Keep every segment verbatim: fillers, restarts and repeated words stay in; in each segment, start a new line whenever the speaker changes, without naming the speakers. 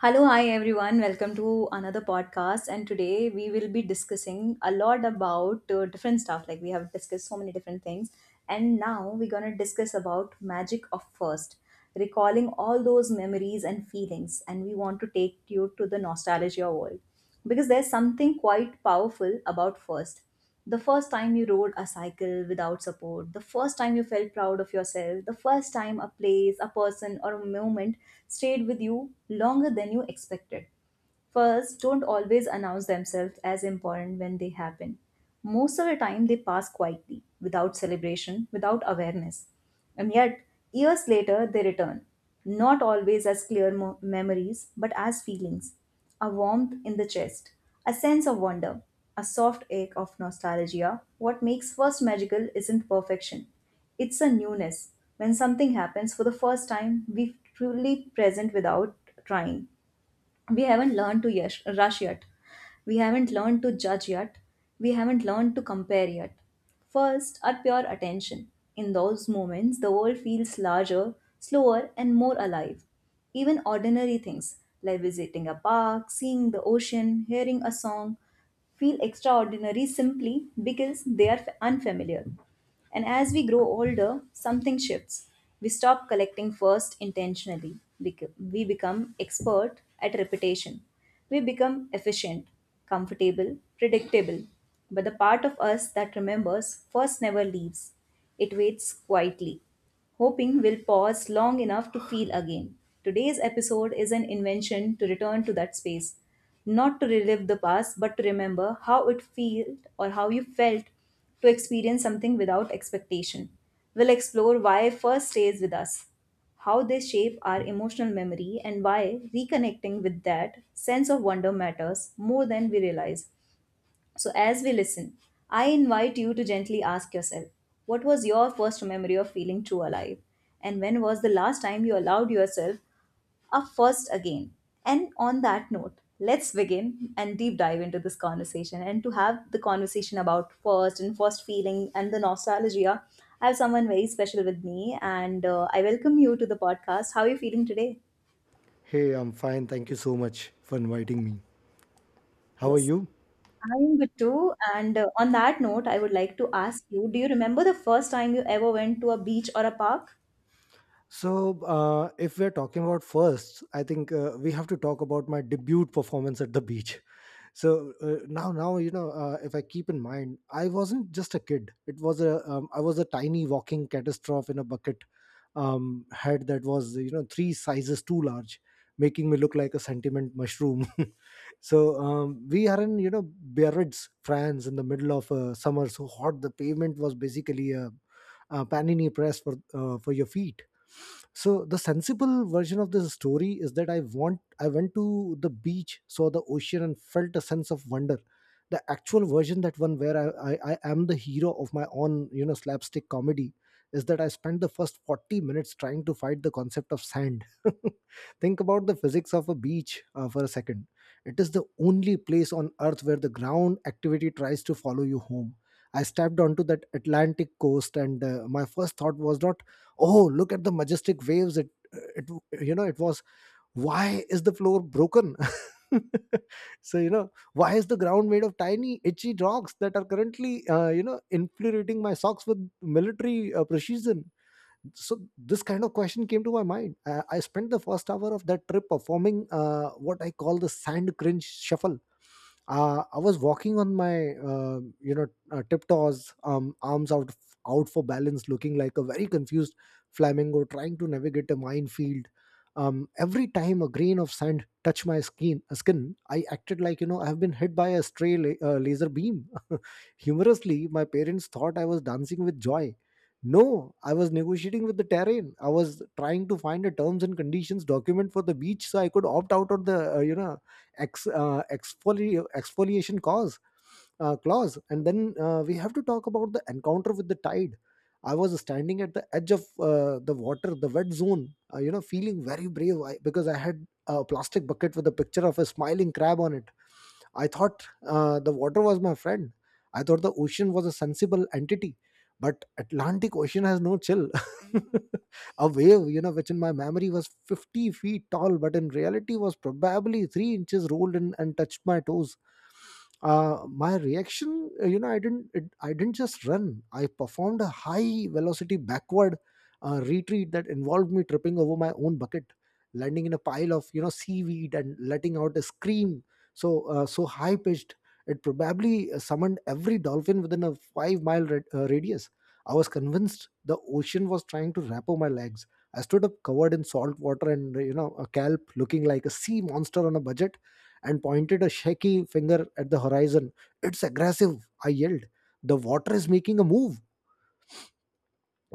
Hello, hi everyone. Welcome to another podcast. And today we will be discussing a lot about uh, different stuff. Like we have discussed so many different things. And now we're going to discuss about magic of first, recalling all those memories and feelings. And we want to take you to the nostalgia world because there's something quite powerful about first, the first time you rode a cycle without support, the first time you felt proud of yourself, the first time a place, a person, or a moment stayed with you longer than you expected. First, don't always announce themselves as important when they happen. Most of the time, they pass quietly, without celebration, without awareness. And yet, years later, they return, not always as clear mo- memories, but as feelings, a warmth in the chest, a sense of wonder, a soft ache of nostalgia. What makes first magical isn't perfection, it's a newness. When something happens for the first time, we truly present without trying, we haven't learned to yes, rush yet. We haven't learned to judge yet. We haven't learned to compare yet. First, our pure attention. In those moments, the world feels larger, slower, and more alive. Even ordinary things like visiting a park, seeing the ocean, hearing a song feel extraordinary simply because they are f- unfamiliar. And as we grow older, something shifts. We stop collecting first intentionally. Bec- We become expert at repetition. We become efficient, comfortable, predictable. But the part of us that remembers first never leaves. It waits quietly, hoping we'll pause long enough to feel again. Today's episode is an invention to return to that space, not to relive the past, but to remember how it felt or how you felt, to experience something without expectation. We'll explore why first stays with us, how they shape our emotional memory, and why reconnecting with that sense of wonder matters more than we realize. So, as we listen, I invite you to gently ask yourself, what was your first memory of feeling true alive? And when was the last time you allowed yourself a first again? And on that note, let's begin and deep dive into this conversation. And to have the conversation about first and first feeling and the nostalgia, I have someone very special with me, and uh, I welcome you to the podcast. How are you feeling today?
Hey, I'm fine. Thank you so much for inviting me. How are
Yes.
you?
I'm good too. And uh, on that note, I would like to ask you, do you remember the first time you ever went to a beach or a park?
So, uh, if we're talking about first, I think uh, we have to talk about my debut performance at the beach. so uh, now now you know uh, if I keep in mind, I wasn't just a kid. It was a um, I was a tiny walking catastrophe in a bucket um, head that was, you know, three sizes too large, making me look like a sentiment mushroom. so um, we are in, you know, Biarritz, France, in the middle of uh, summer. So hot, the pavement was basically a, a panini press for uh, for your feet. So the sensible version of this story is that I want I went to the beach, saw the ocean, and felt a sense of wonder. The actual version, that one where I, I, I am the hero of my own, you know, slapstick comedy, is that I spent the first 40 minutes trying to fight the concept of sand. Think about the physics of a beach uh, for a second. It is the only place on earth where the ground activity tries to follow you home. I stepped onto that Atlantic coast, and uh, my first thought was not, "Oh, look at the majestic waves!" It, it, you know, it was, why is the floor broken? so you know, why is the ground made of tiny itchy rocks that are currently uh, you know infuriating my socks with military uh, precision? So this kind of question came to my mind. Uh, i spent the first hour of that trip performing uh, what I call the sand cringe shuffle. Uh, i was walking on my uh, you know uh, tiptoes, um, arms out out for balance, looking like a very confused flamingo trying to navigate a minefield. Um, every time a grain of sand touched my skin uh, skin, I acted like, you know, I have been hit by a stray la- uh, laser beam. Humorously, my parents thought I was dancing with joy. No, I was negotiating with the terrain. I was trying to find a terms and conditions document for the beach so I could opt out of the uh, you know ex uh, exfoli- exfoliation cause uh, clause. And then uh, we have to talk about the encounter with the tide. I was standing at the edge of uh, the water, the wet zone, uh, you know, feeling very brave, I, because I had a plastic bucket with a picture of a smiling crab on it. I thought uh, the water was my friend. I thought the ocean was a sensible entity, but Atlantic Ocean has no chill. A wave, you know, which in my memory was 50 feet tall, but in reality was probably three inches, rolled in and touched my toes. Uh, my reaction, uh, you know, I didn't, it, I didn't just run. I performed a high velocity backward uh, retreat that involved me tripping over my own bucket, landing in a pile of, you know, seaweed, and letting out a scream so, uh, so high pitched, it probably uh, summoned every dolphin within a five mile rad- uh, radius. I was convinced the ocean was trying to wrap up my legs. I stood up covered in salt water and, you know, a kelp, looking like a sea monster on a budget, and pointed a shaky finger at the horizon. It's aggressive! I yelled. The water is making a move!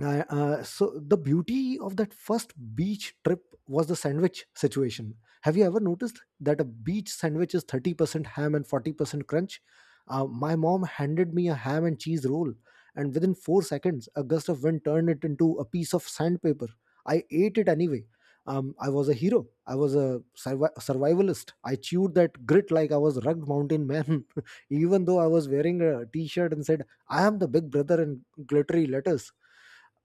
Uh, uh, so the beauty of that first beach trip was the sandwich situation. Have you ever noticed that a beach sandwich is thirty percent ham and forty percent crunch? Uh, my mom handed me a ham and cheese roll, and within 4 seconds a gust of wind turned it into a piece of sandpaper. I ate it anyway. um, I was a hero. I was a survi- survivalist. I chewed that grit like I was rugged mountain man, even though I was wearing a t-shirt and said I am the big brother in glittery letters.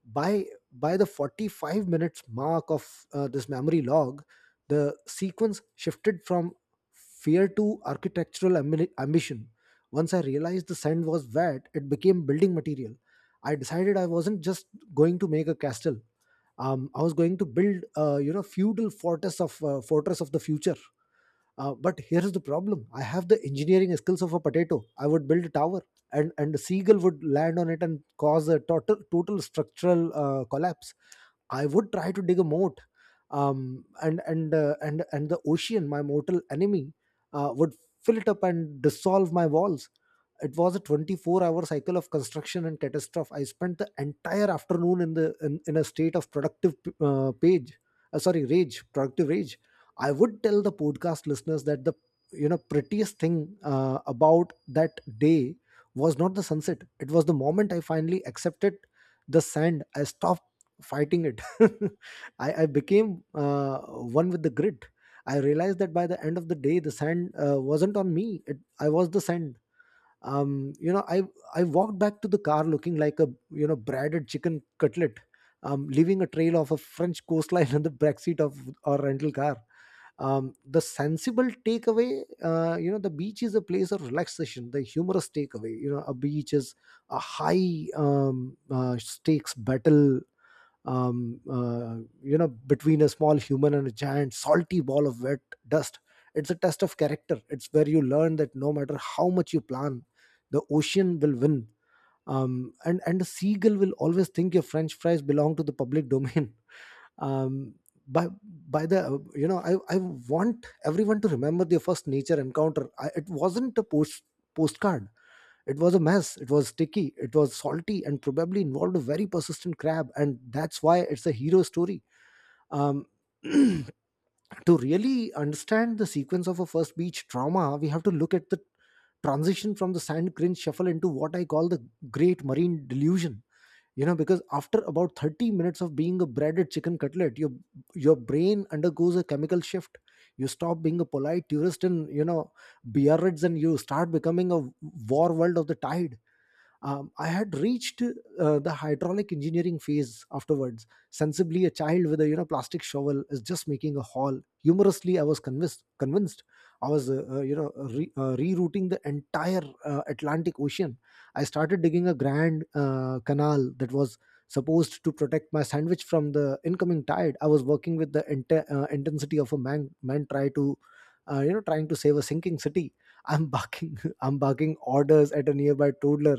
By by the 45 minutes mark of uh, this memory log, the sequence shifted from fear to architectural ambi- ambition. Once I realized the sand was wet, it became building material. I decided I wasn't just going to make a castle. um, I was going to build a, you know, feudal fortress of uh, fortress of the future. Uh, but here's the problem: I have the engineering skills of a potato. I would build a tower, and and a seagull would land on it and cause a total total structural uh, collapse. I would try to dig a moat, um, and and uh, and and the ocean, my mortal enemy, uh, would fill it up and dissolve my walls. It was a 24 hour cycle of construction and catastrophe. I spent the entire afternoon in the in, in a state of productive uh, page uh, sorry rage productive rage. I would tell the podcast listeners that the, you know, prettiest thing uh, about that day was not the sunset. It was the moment I finally accepted the sand. I stopped fighting it. I, I became uh, one with the grid. I realized that by the end of the day, the sand uh, wasn't on me. It, i was the sand. Um you know i i walked back to the car looking like a, you know, breaded chicken cutlet, um leaving a trail of a french coastline in the backseat of our rental car. Um the sensible takeaway, uh, you know, the beach is a place of relaxation. The humorous takeaway, you know, a beach is a high um uh, stakes battle, um, uh, you know, between a small human and a giant salty ball of wet dust. It's a test of character. It's where you learn that no matter how much you plan, the ocean will win. Um, and and a seagull will always think your french fries belong to the public domain. um, by by the uh, you know I, I want everyone to remember their first nature encounter. I, it wasn't a post postcard. It was a mess. It was sticky. It was salty, and probably involved a very persistent crab. And that's why it's a hero story. Um, to really understand the sequence of a first beach trauma, we have to look at the transition from the sand cringe shuffle into what I call the great marine delusion. You know, because after about 30 minutes of being a breaded chicken cutlet, your your brain undergoes a chemical shift. You stop being a polite tourist in, you know, Biarritz, and you start becoming a war world of the tide. um, I had reached uh, the hydraulic engineering phase afterwards. Sensibly, a child with a, you know, plastic shovel is just making a hole. Humorously, I was convinced. Convinced, I was uh, uh, you know re- uh, rerouting the entire uh, Atlantic Ocean. I started digging a grand uh, canal that was supposed to protect my sandwich from the incoming tide. I was working with the inte- uh, intensity of a man. Man try to uh, you know trying to save a sinking city. I'm barking. I'm barking orders at a nearby toddler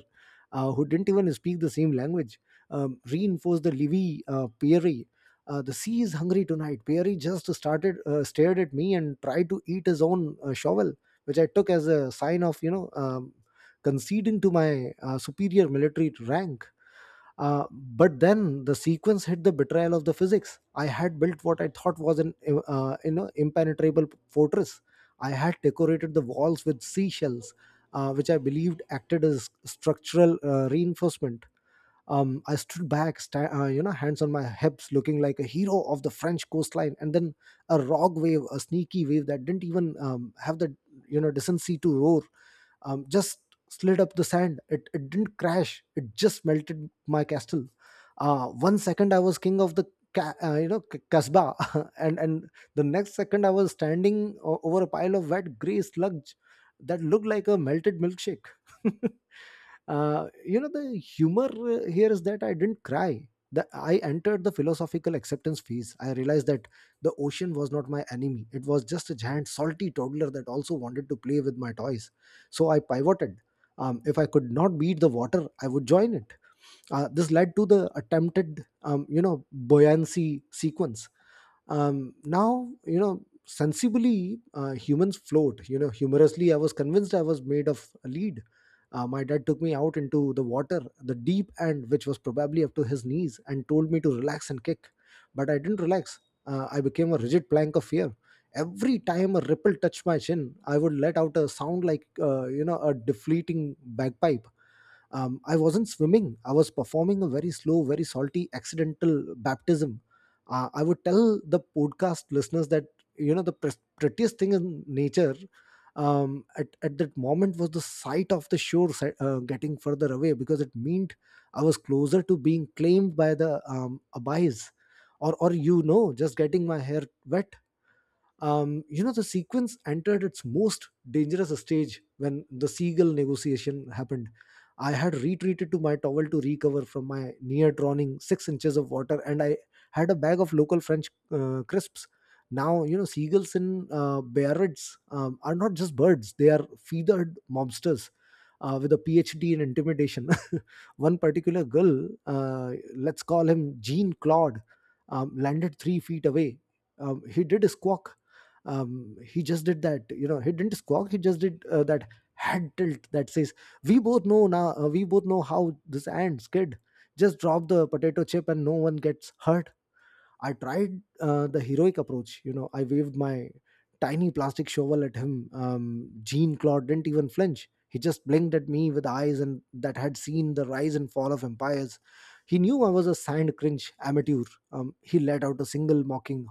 uh, who didn't even speak the same language, um, reinforced the Livy uh, Pierre. Uh, the sea is hungry tonight. Pierre just started uh, stared at me and tried to eat his own uh, shovel, which I took as a sign of, you know, um, conceding to my uh, superior military rank. Uh, but then the sequence hit the betrayal of the physics. I had built what I thought was an uh, you know impenetrable fortress. I had decorated the walls with seashells, uh, which I believed acted as structural uh, reinforcement. Um, I stood back, sta- uh, you know, hands on my hips, looking like a hero of the French coastline. And then a rogue wave, a sneaky wave that didn't even um, have the, you know, decency to roar, um, just slid up the sand. It, it didn't crash. It just melted my castle. Uh, one second I was king of the ca- uh, you know c- kasbah, and and the next second I was standing o- over a pile of wet gray sludge that looked like a melted milkshake. Uh, you know, the humor uh, here is that I didn't cry. The, I entered the philosophical acceptance phase. I realized that the ocean was not my enemy. It was just a giant, salty toddler that also wanted to play with my toys. So I pivoted. Um, if I could not beat the water, I would join it. Uh, this led to the attempted, um, you know, buoyancy sequence. Um, now, you know, sensibly, uh, humans float. You know, humorously, I was convinced I was made of a lead. Uh, my dad took me out into the water, the deep end, which was probably up to his knees, and told me to relax and kick. But I didn't relax. Uh, I became a rigid plank of fear. Every time a ripple touched my chin, I would let out a sound like, uh, you know, a deflating bagpipe. um, I wasn't swimming, I was performing a very slow, very salty accidental baptism. uh, I would tell the podcast listeners that, you know, the pres- prettiest thing in nature um, at, at that moment was the sight of the shore si- uh, getting further away, because it meant I was closer to being claimed by the um, abayas or or, you know, just getting my hair wet. Um, you know, the sequence entered its most dangerous stage when the seagull negotiation happened. I had retreated to my towel to recover from my near drowning six inches of water, and I had a bag of local French uh, crisps. Now, you know, seagulls in uh, Biarritz um, are not just birds, they are feathered mobsters uh, with a PhD in intimidation. One particular gull, uh, let's call him Jean Claude, um, landed three feet away. Um, he did a squawk. Um, he just did that, you know, he didn't squawk, he just did uh, that head tilt that says, we both know now, uh, we both know how this ends, kid. Just drop the potato chip and no one gets hurt. I tried uh, the heroic approach. You know, I waved my tiny plastic shovel at him. Um, Jean Claude didn't even flinch. He just blinked at me with eyes and that had seen the rise and fall of empires. He knew I was a signed cringe amateur. Um, he let out a single mocking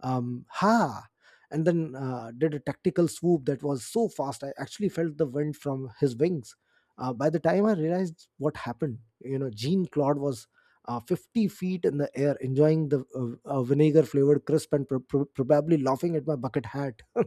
um, ha, and then uh, did a tactical swoop that was so fast I actually felt the wind from his wings. Uh, by the time I realized what happened, you know, Jean Claude was uh, fifty feet in the air, enjoying the uh, uh, vinegar flavored crisp and pro- pro- probably laughing at my bucket hat.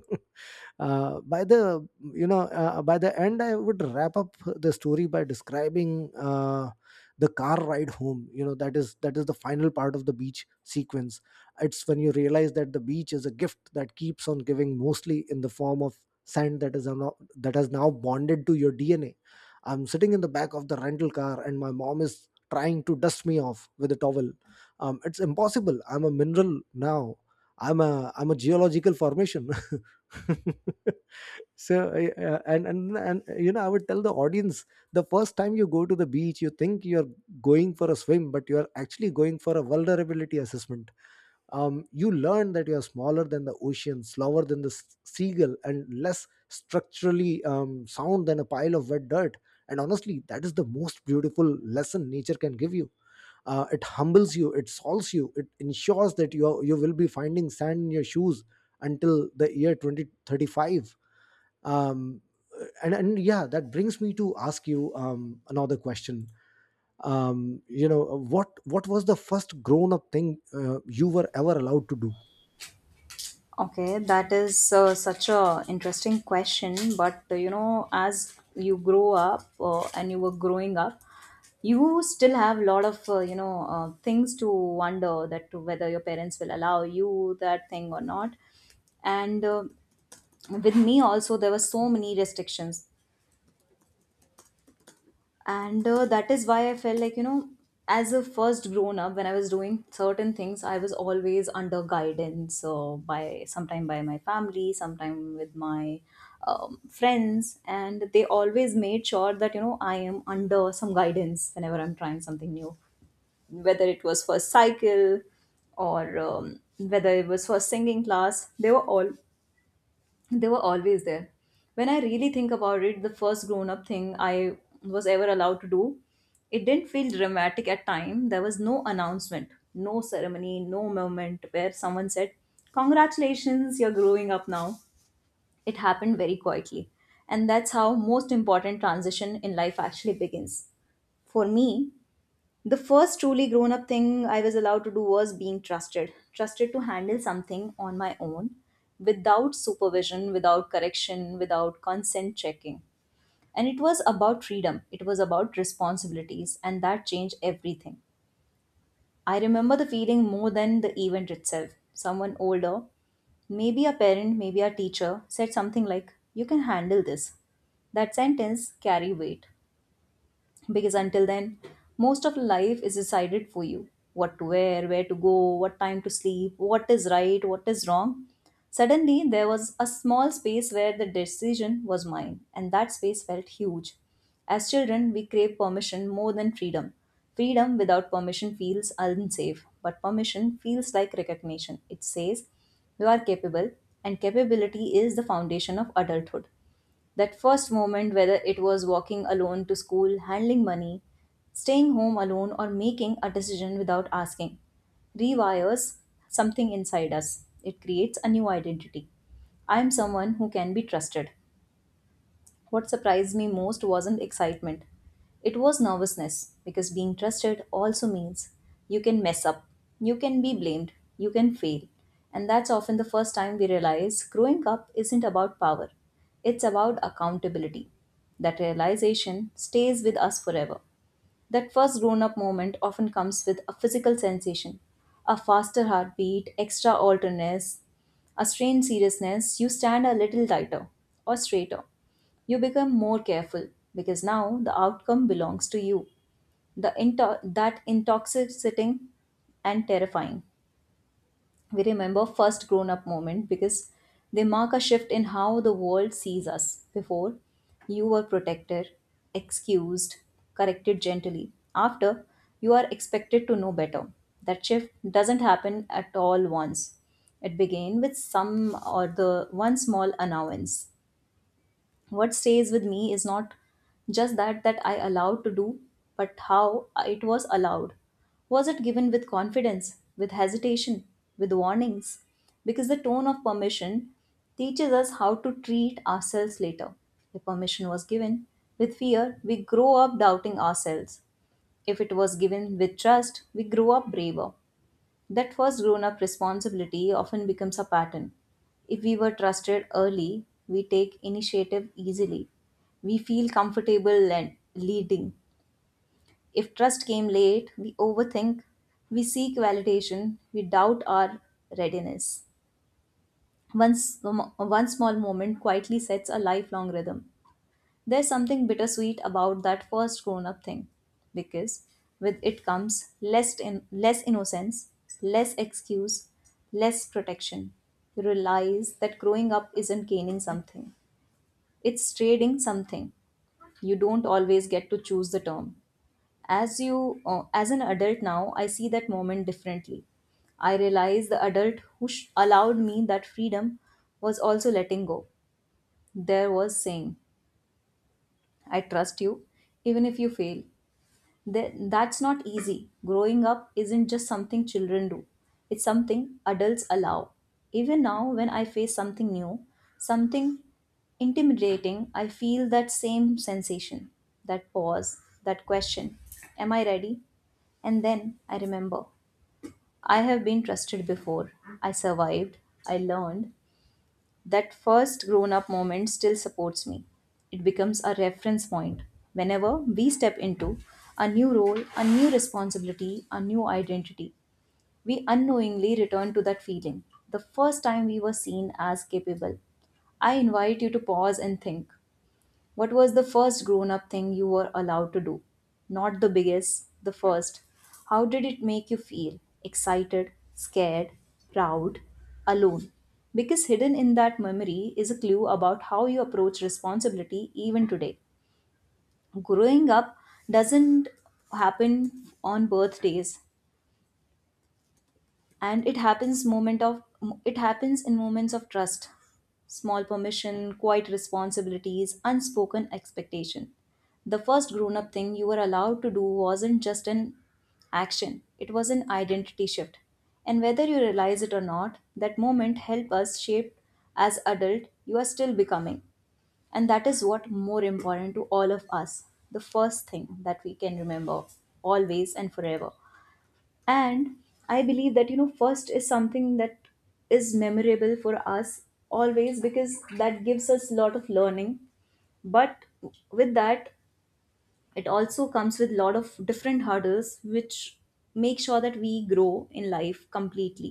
uh, by the you know uh, uh, by the end, I would wrap up the story by describing uh, the car ride home. You know, that is that is the final part of the beach sequence. It's when you realize that the beach is a gift that keeps on giving, mostly in the form of sand that is now, that has now bonded to your DNA. I'm sitting in the back of the rental car and my mom is trying to dust me off with a towel. Um, it's impossible, I'm a mineral now. I'm a i'm a geological formation. so I- uh, and and and you know I would tell the audience, the first time you go to the beach you think you're going for a swim, but you're actually going for a vulnerability assessment. Um, you learn that you're smaller than the ocean, slower than the s- seagull, and less structurally um, sound than a pile of wet dirt. And honestly, that is the most beautiful lesson nature can give you. Uh, it humbles you, it solves you, it ensures that you are, you will be finding sand in your shoes until the year twenty thirty-five. Um, and and yeah, that brings me to ask you um, another question. um, you know what what was the first grown up thing uh, you were ever allowed to do?
Okay, that is uh, such a interesting question. But uh, you know, as you grow up uh, and you were growing up, you still have a lot of uh, you know uh, things to wonder that whether your parents will allow you that thing or not. And uh, with me also, there were so many restrictions and uh, that is why I felt like, you know, as a first grown up, when I was doing certain things I was always under guidance, uh, by sometime by my family, sometime with my um, friends, and they always made sure that you know I am under some guidance whenever I'm trying something new, whether it was first cycle or um, whether it was first singing class, they were all they were always there. When I really think about it, the first grown up thing I was ever allowed to do, it didn't feel dramatic at time. There was no announcement, no ceremony, no moment where someone said, "Congratulations, you're growing up now." It happened very quietly. And that's how most important transition in life actually begins. For me, the first truly grown up thing I was allowed to do was being trusted. Trusted to handle something on my own without supervision, without correction, without consent checking. And it was about freedom, it was about responsibilities, and that changed everything. I remember the feeling more than the event itself. Someone older, maybe a parent, maybe a teacher, said something like, "You can handle this." That sentence carried weight because until then most of life is decided for you, what to wear, where to go, what time to sleep, what is right, what is wrong. Suddenly there was a small space where the decision was mine, and that space felt huge. As children we crave permission more than freedom. Freedom without permission feels unsafe, but permission feels like recognition. It says you are capable, and capability is the foundation of adulthood. That first moment, whether it was walking alone to school, handling money, staying home alone, or making a decision without asking, rewires something inside us. It creates a new identity. I am someone who can be trusted. What surprised me most wasn't excitement, it was nervousness, because being trusted also means you can mess up, you can be blamed, you can fail. And that's often the first time we realize growing up isn't about power, it's about accountability. That realization stays with us forever. That first grown up moment often comes with a physical sensation, a faster heartbeat, extra alertness, a strained seriousness. You stand a little tighter or straighter. You become more careful because now the outcome belongs to you. The into- that intoxicating and terrifying, we remember first grown up moment because they mark a shift in how the world sees us. Before, you were protected, excused, corrected gently. After, you are expected to know better. That shift doesn't happen at all once. It began with some or the one small allowance. What stays with me is not just that that I allowed to do, but how it was allowed. Was it given with confidence, with hesitation, with warnings? Because the tone of permission teaches us how to treat ourselves later. If permission was given with fear, we grow up doubting ourselves. If it was given with trust, we grow up braver. That first grown up responsibility often becomes a pattern. If we were trusted early, we take initiative easily. We feel comfortable and leading. If trust came late, we overthink, we seek validation, we doubt our readiness. One, s- one small moment quietly sets a lifelong rhythm. There's something bittersweet about that first grown up thing because with it comes less in, less innocence, less excuse, less protection. You realize that growing up isn't gaining something. It's trading something. You don't always get to choose the term. As you uh, as an adult now, I see that moment differently. I realize the adult who sh- allowed me that freedom was also letting go. There was saying, I trust you, even if you fail. Th- that's not easy. Growing up isn't just something children do, it's something adults allow. Even now, when I face something new, something intimidating, I feel that same sensation, that pause, that question, am I ready? And then I remember I have been trusted before, I survived, I learned, that first grown up moment still supports me. It becomes a reference point. Whenever we step into a new role, a new responsibility, a new identity, we unknowingly return to that feeling the first time we were seen as capable. I invite you to pause and think, what was the first grown up thing you were allowed to do? Not the biggest, the first. How did it make you feel? Excited, scared, proud, alone? Because hidden in that memory is a clue about how you approach responsibility even today. Growing up doesn't happen on birthdays, and it happens moment of it happens in moments of trust, small permission, quiet responsibilities, unspoken expectation. The first grown up thing you were allowed to do wasn't just an action, it was an identity shift. And whether you realize it or not, that moment helped us shape as adult you are still becoming. And that is what more important to all of us, the first thing that we can remember, always and forever. And I believe that you know first is something that is memorable for us always because that gives us a lot of learning. But with that, it also comes with a lot of different hurdles which make sure that we grow in life completely.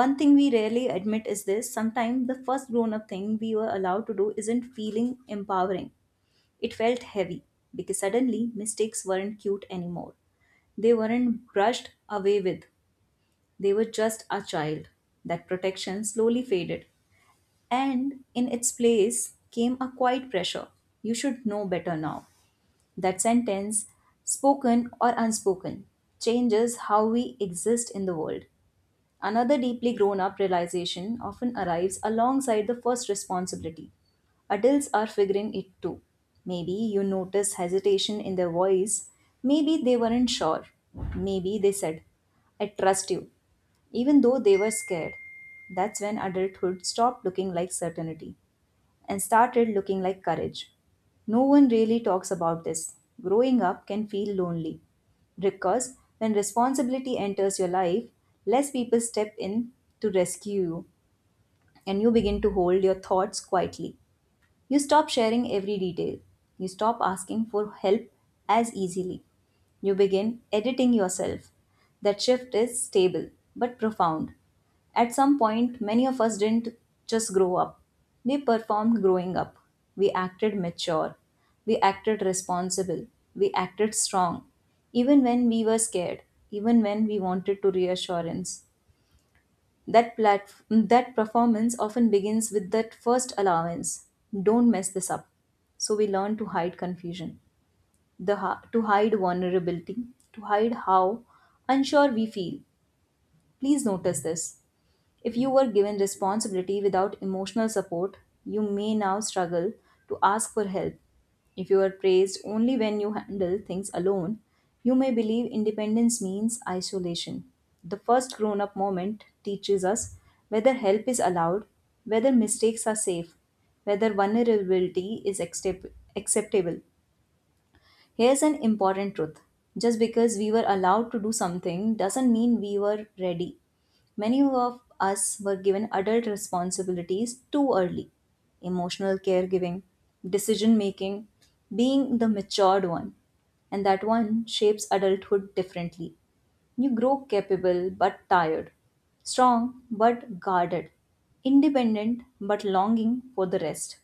One thing we rarely admit is this: sometimes the first grown up thing we were allowed to do isn't feeling empowering, it felt heavy, because suddenly mistakes weren't cute anymore. They weren't brushed away with, they were just a child. That protection slowly faded, and in its place came a quiet pressure. You should know better now. That sentence, spoken or unspoken, changes how we exist in the world. Another deeply grown up realization often arrives alongside the first responsibility. Adults are figuring it too. Maybe you notice hesitation in their voice. Maybe they weren't sure. Maybe they said, I trust you. Even though they were scared, that's when adulthood stopped looking like certainty and started looking like courage. No one really talks about this. Growing up can feel lonely because when responsibility enters your life, less people step in to rescue you and you begin to hold your thoughts quietly. You stop sharing every detail. You stop asking for help as easily. You begin editing yourself. That shift is stable but profound. At some point, many of us didn't just grow up, we performed growing up. We acted mature. We acted responsible. We acted strong, even when we were scared, even when we wanted to reassurance. That plat- that performance often begins with that first allowance. Don't mess this up. So we learn to hide confusion, the ha- to hide vulnerability, to hide how unsure we feel. Please notice this. If you were given responsibility without emotional support, you may now struggle to ask for help. If you are praised only when you handle things alone, you may believe independence means isolation. The first grown up moment teaches us whether help is allowed, whether mistakes are safe, whether vulnerability is accept- acceptable. Here's an important truth just because we were allowed to do something doesn't mean we were ready. Many of us were given adult responsibilities too early emotional caregiving, decision making, being the matured one. And that one shapes adulthood differently. You grow capable but tired, strong but guarded, independent but longing for the rest.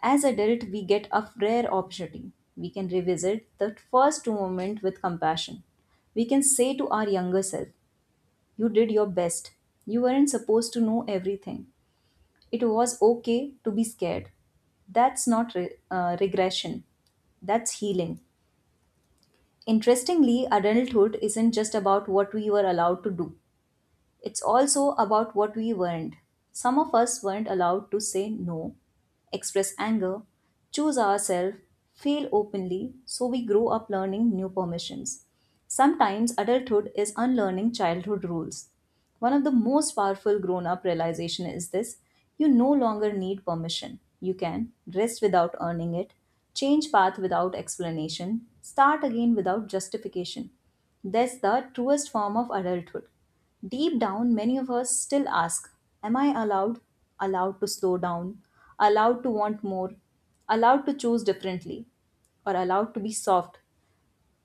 As adult, we get a rare opportunity. We can revisit the first moment with compassion. We can say to our younger self, "You did your best. You weren't supposed to know everything. It was okay to be scared." That's not re- uh, regression. That's healing. Interestingly, adulthood isn't just about what we were allowed to do. It's also about what we weren't. Some of us weren't allowed to say no, express anger, choose ourselves, fail openly, so we grow up learning new permissions. Sometimes adulthood is unlearning childhood rules. One of the most powerful grown up realization is this you no longer need permission. You can rest without earning it, change path without explanation, start again without justification. That's the truest form of adulthood. Deep down, many of us still ask, am I allowed? Allowed to slow down? Allowed to want more? Allowed to choose differently? Or allowed to be soft?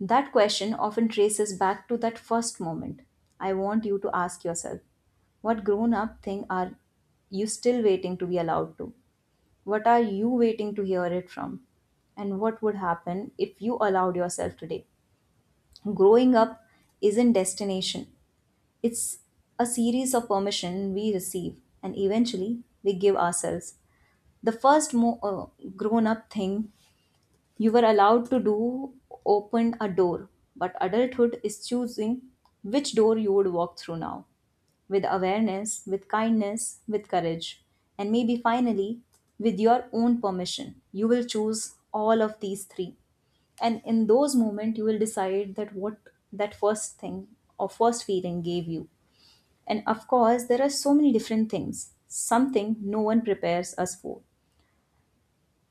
That question often traces back to that first moment. I want you to ask yourself, what grown up thing are you still waiting to be allowed to? What are you waiting to hear it from? And what would happen if you allowed yourself today? Growing up isn't destination. It's a series of permission we receive and eventually we give ourselves. The first mo- uh, grown up thing you were allowed to do opened a door, but adulthood is choosing which door you would walk through now. With awareness, with kindness, with courage, and maybe finally, with your own permission, you will choose all of these three. And in those moments, you will decide that what that first thing or first feeling gave you. And of course, there are so many different things, something no one prepares us for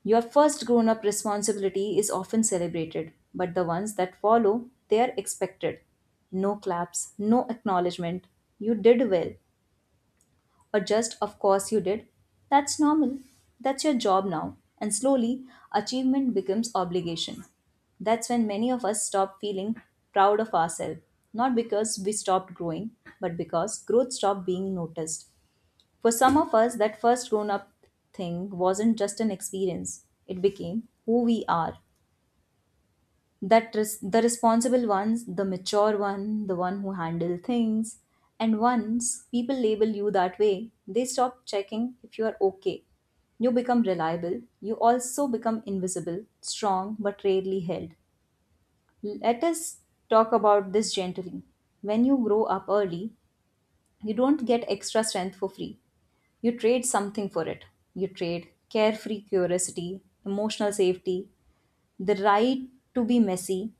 your first grown up responsibility is often celebrated, but the ones that follow, they are expected. No claps, no acknowledgement. You did well, or just of course you did. That's normal. That's your job now. And slowly, achievement becomes obligation. That's when many of us stop feeling proud of ourselves, not because we stopped growing, but because growth stopped being noticed. For some of us, that first grown up thing wasn't just an experience, it became who we are. That res- the responsible ones, the mature one, the one who handle things. And once people label you that way, they stop checking if you are okay. You become reliable. You also become invisible, strong, but rarely held. Let us talk about this gently. When you grow up early, you don't get extra strength for free. You trade something for it. You trade carefree curiosity, emotional safety, the right to be messy.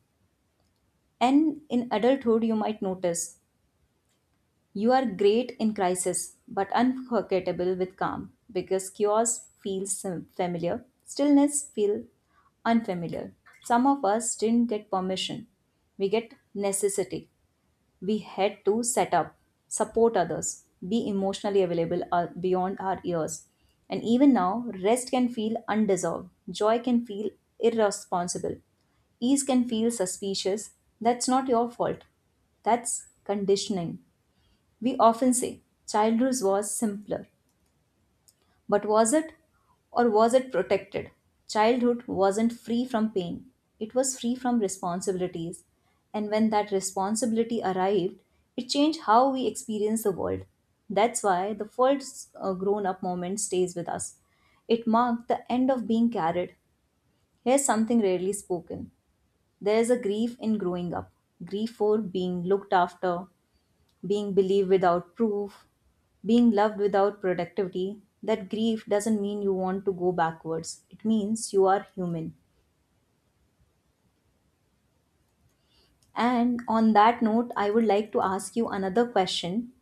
And in adulthood, you might notice you are great in crisis but unforgettable with calm because chaos feels sim- familiar, stillness feels unfamiliar. Some of us didn't get permission, we get necessity we had to set up, support others, be emotionally available uh, beyond our years. And even now, rest can feel undeserved, joy can feel irresponsible, ease can feel suspicious. That's not your fault. That's conditioning. We often say childhood was simpler, but was it? Or was it protected? Childhood wasn't free from pain, it was free from responsibilities. And when that responsibility arrived, it changed how we experience the world. That's why the first uh, grown up moment stays with us. It marked the end of being carried. Here's something rarely spoken there is a grief in growing up grief for being looked after, being believed without proof, being loved without productivity, that grief doesn't mean you want to go backwards. It means you are human. And on that note, I would like to ask you another question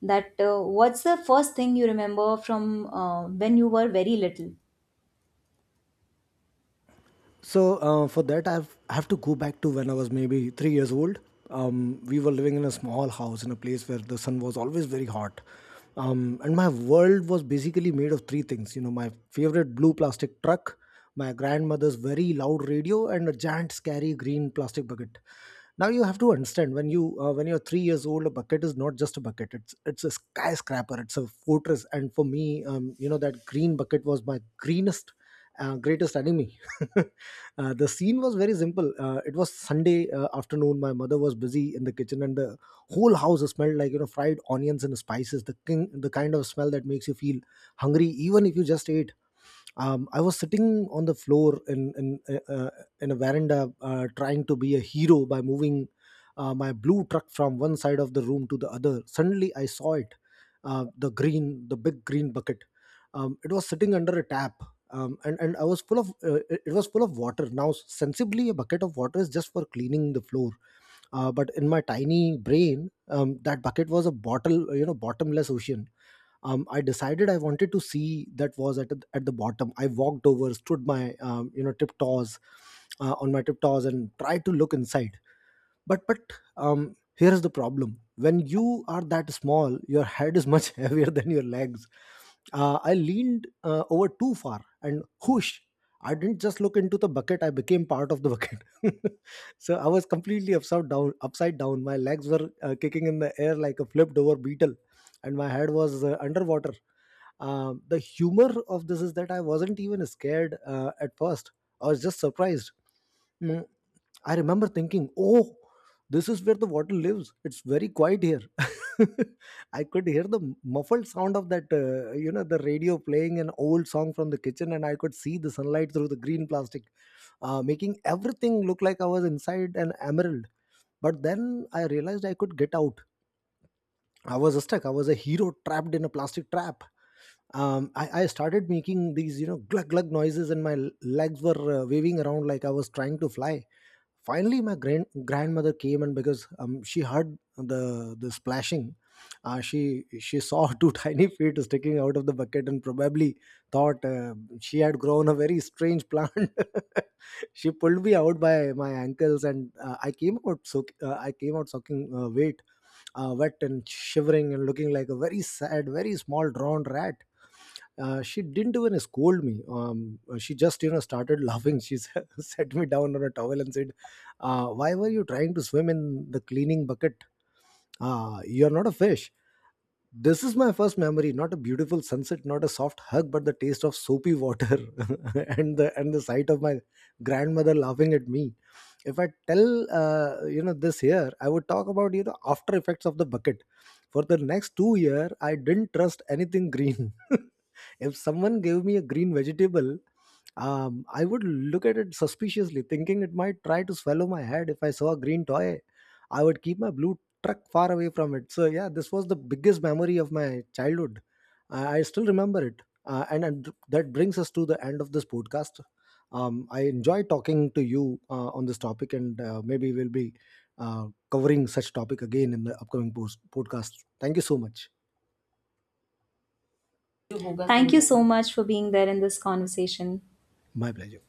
that uh, what's the first thing you remember from uh, when you were very little?
So uh, for that, I've, I have to go back to when I was maybe three years old. Um, we were living in a small house in a place where the sun was always very hot. Um, and my world was basically made of three things, you know, my favorite blue plastic truck, my grandmother's very loud radio, and a giant, scary green plastic bucket. Now you have to understand, when you uh, when you're three years old, a bucket is not just a bucket. It's it's a skyscraper. It's a fortress. And for me, um, you know, that green bucket was my greenest uh, greatest enemy. Uh, the scene was very simple. Uh, it was Sunday uh, afternoon. My mother was busy in the kitchen, and the whole house smelled like, you know, fried onions and spices. The king, the kind of smell that makes you feel hungry, even if you just ate. um, I was sitting on the floor in in uh, uh, in a veranda, uh, trying to be a hero by moving uh, my blue truck from one side of the room to the other. Suddenly, I saw it, uh, the green, the big green bucket. Um, it was sitting under a tap, um, and and I was full of uh, it it was full of water. Now, sensibly, a bucket of water is just for cleaning the floor, uh, but in my tiny brain, um, that bucket was a bottle, uh, you know, bottomless ocean. Um, I decided I wanted to see that was at at the bottom. I walked over, stood my um, you know tiptoes uh, on my tiptoes, and tried to look inside, but but um here's the problem, when you are that small your head is much heavier than your legs. uh, I leaned uh, over too far, and whoosh, I didn't just look into the bucket, I became part of the bucket. So I was completely upside down upside down, my legs were uh, kicking in the air like a flipped over beetle, and my head was uh, underwater. Um, the humor of this is that I wasn't even scared uh, at first, I was just surprised. Mm, I remember thinking, oh, this is where the water lives. It's very quiet here. I could hear the muffled sound of that, uh, you know, the radio playing an old song from the kitchen, and I could see the sunlight through the green plastic, uh, making everything look like I was inside an emerald. But then I realized I could get out. I was stuck. I was a hero trapped in a plastic trap. Um, I, I started making these, you know, glug glug noises, and my l- legs were uh, waving around like I was trying to fly. Finally, my grand grandmother came, and because um, she heard the the splashing, uh, she she saw two tiny feet sticking out of the bucket, and probably thought uh, she had grown a very strange plant. She pulled me out by my ankles, and uh, I came out so uh, I came out sucking uh, weight uh, wet and shivering and looking like a very sad, very small drawn rat. Uh, she didn't even scold me. Um, uh, she just, you know, started laughing. She set me down on a towel and said, uh, "Why were you trying to swim in the cleaning bucket? Uh, you're not a fish." This is my first memory, not a beautiful sunset, not a soft hug, but the taste of soapy water and the and the sight of my grandmother laughing at me. If I tell, uh, you know this here, I would talk about, you know, after effects of the bucket. For the next two year, I didn't trust anything green. If someone gave me a green vegetable, um, I would look at it suspiciously, thinking it might try to swallow my head. If I saw a green toy, I would keep my blue truck far away from it. So, yeah, this was the biggest memory of my childhood. I I still remember it. Uh, and, and that brings us to the end of this podcast. Um, I enjoy talking to you uh, on this topic, and uh, maybe we'll be uh, covering such topic again in the upcoming post- podcast. Thank you so much.
Thank you so much for being there in this conversation.
My pleasure.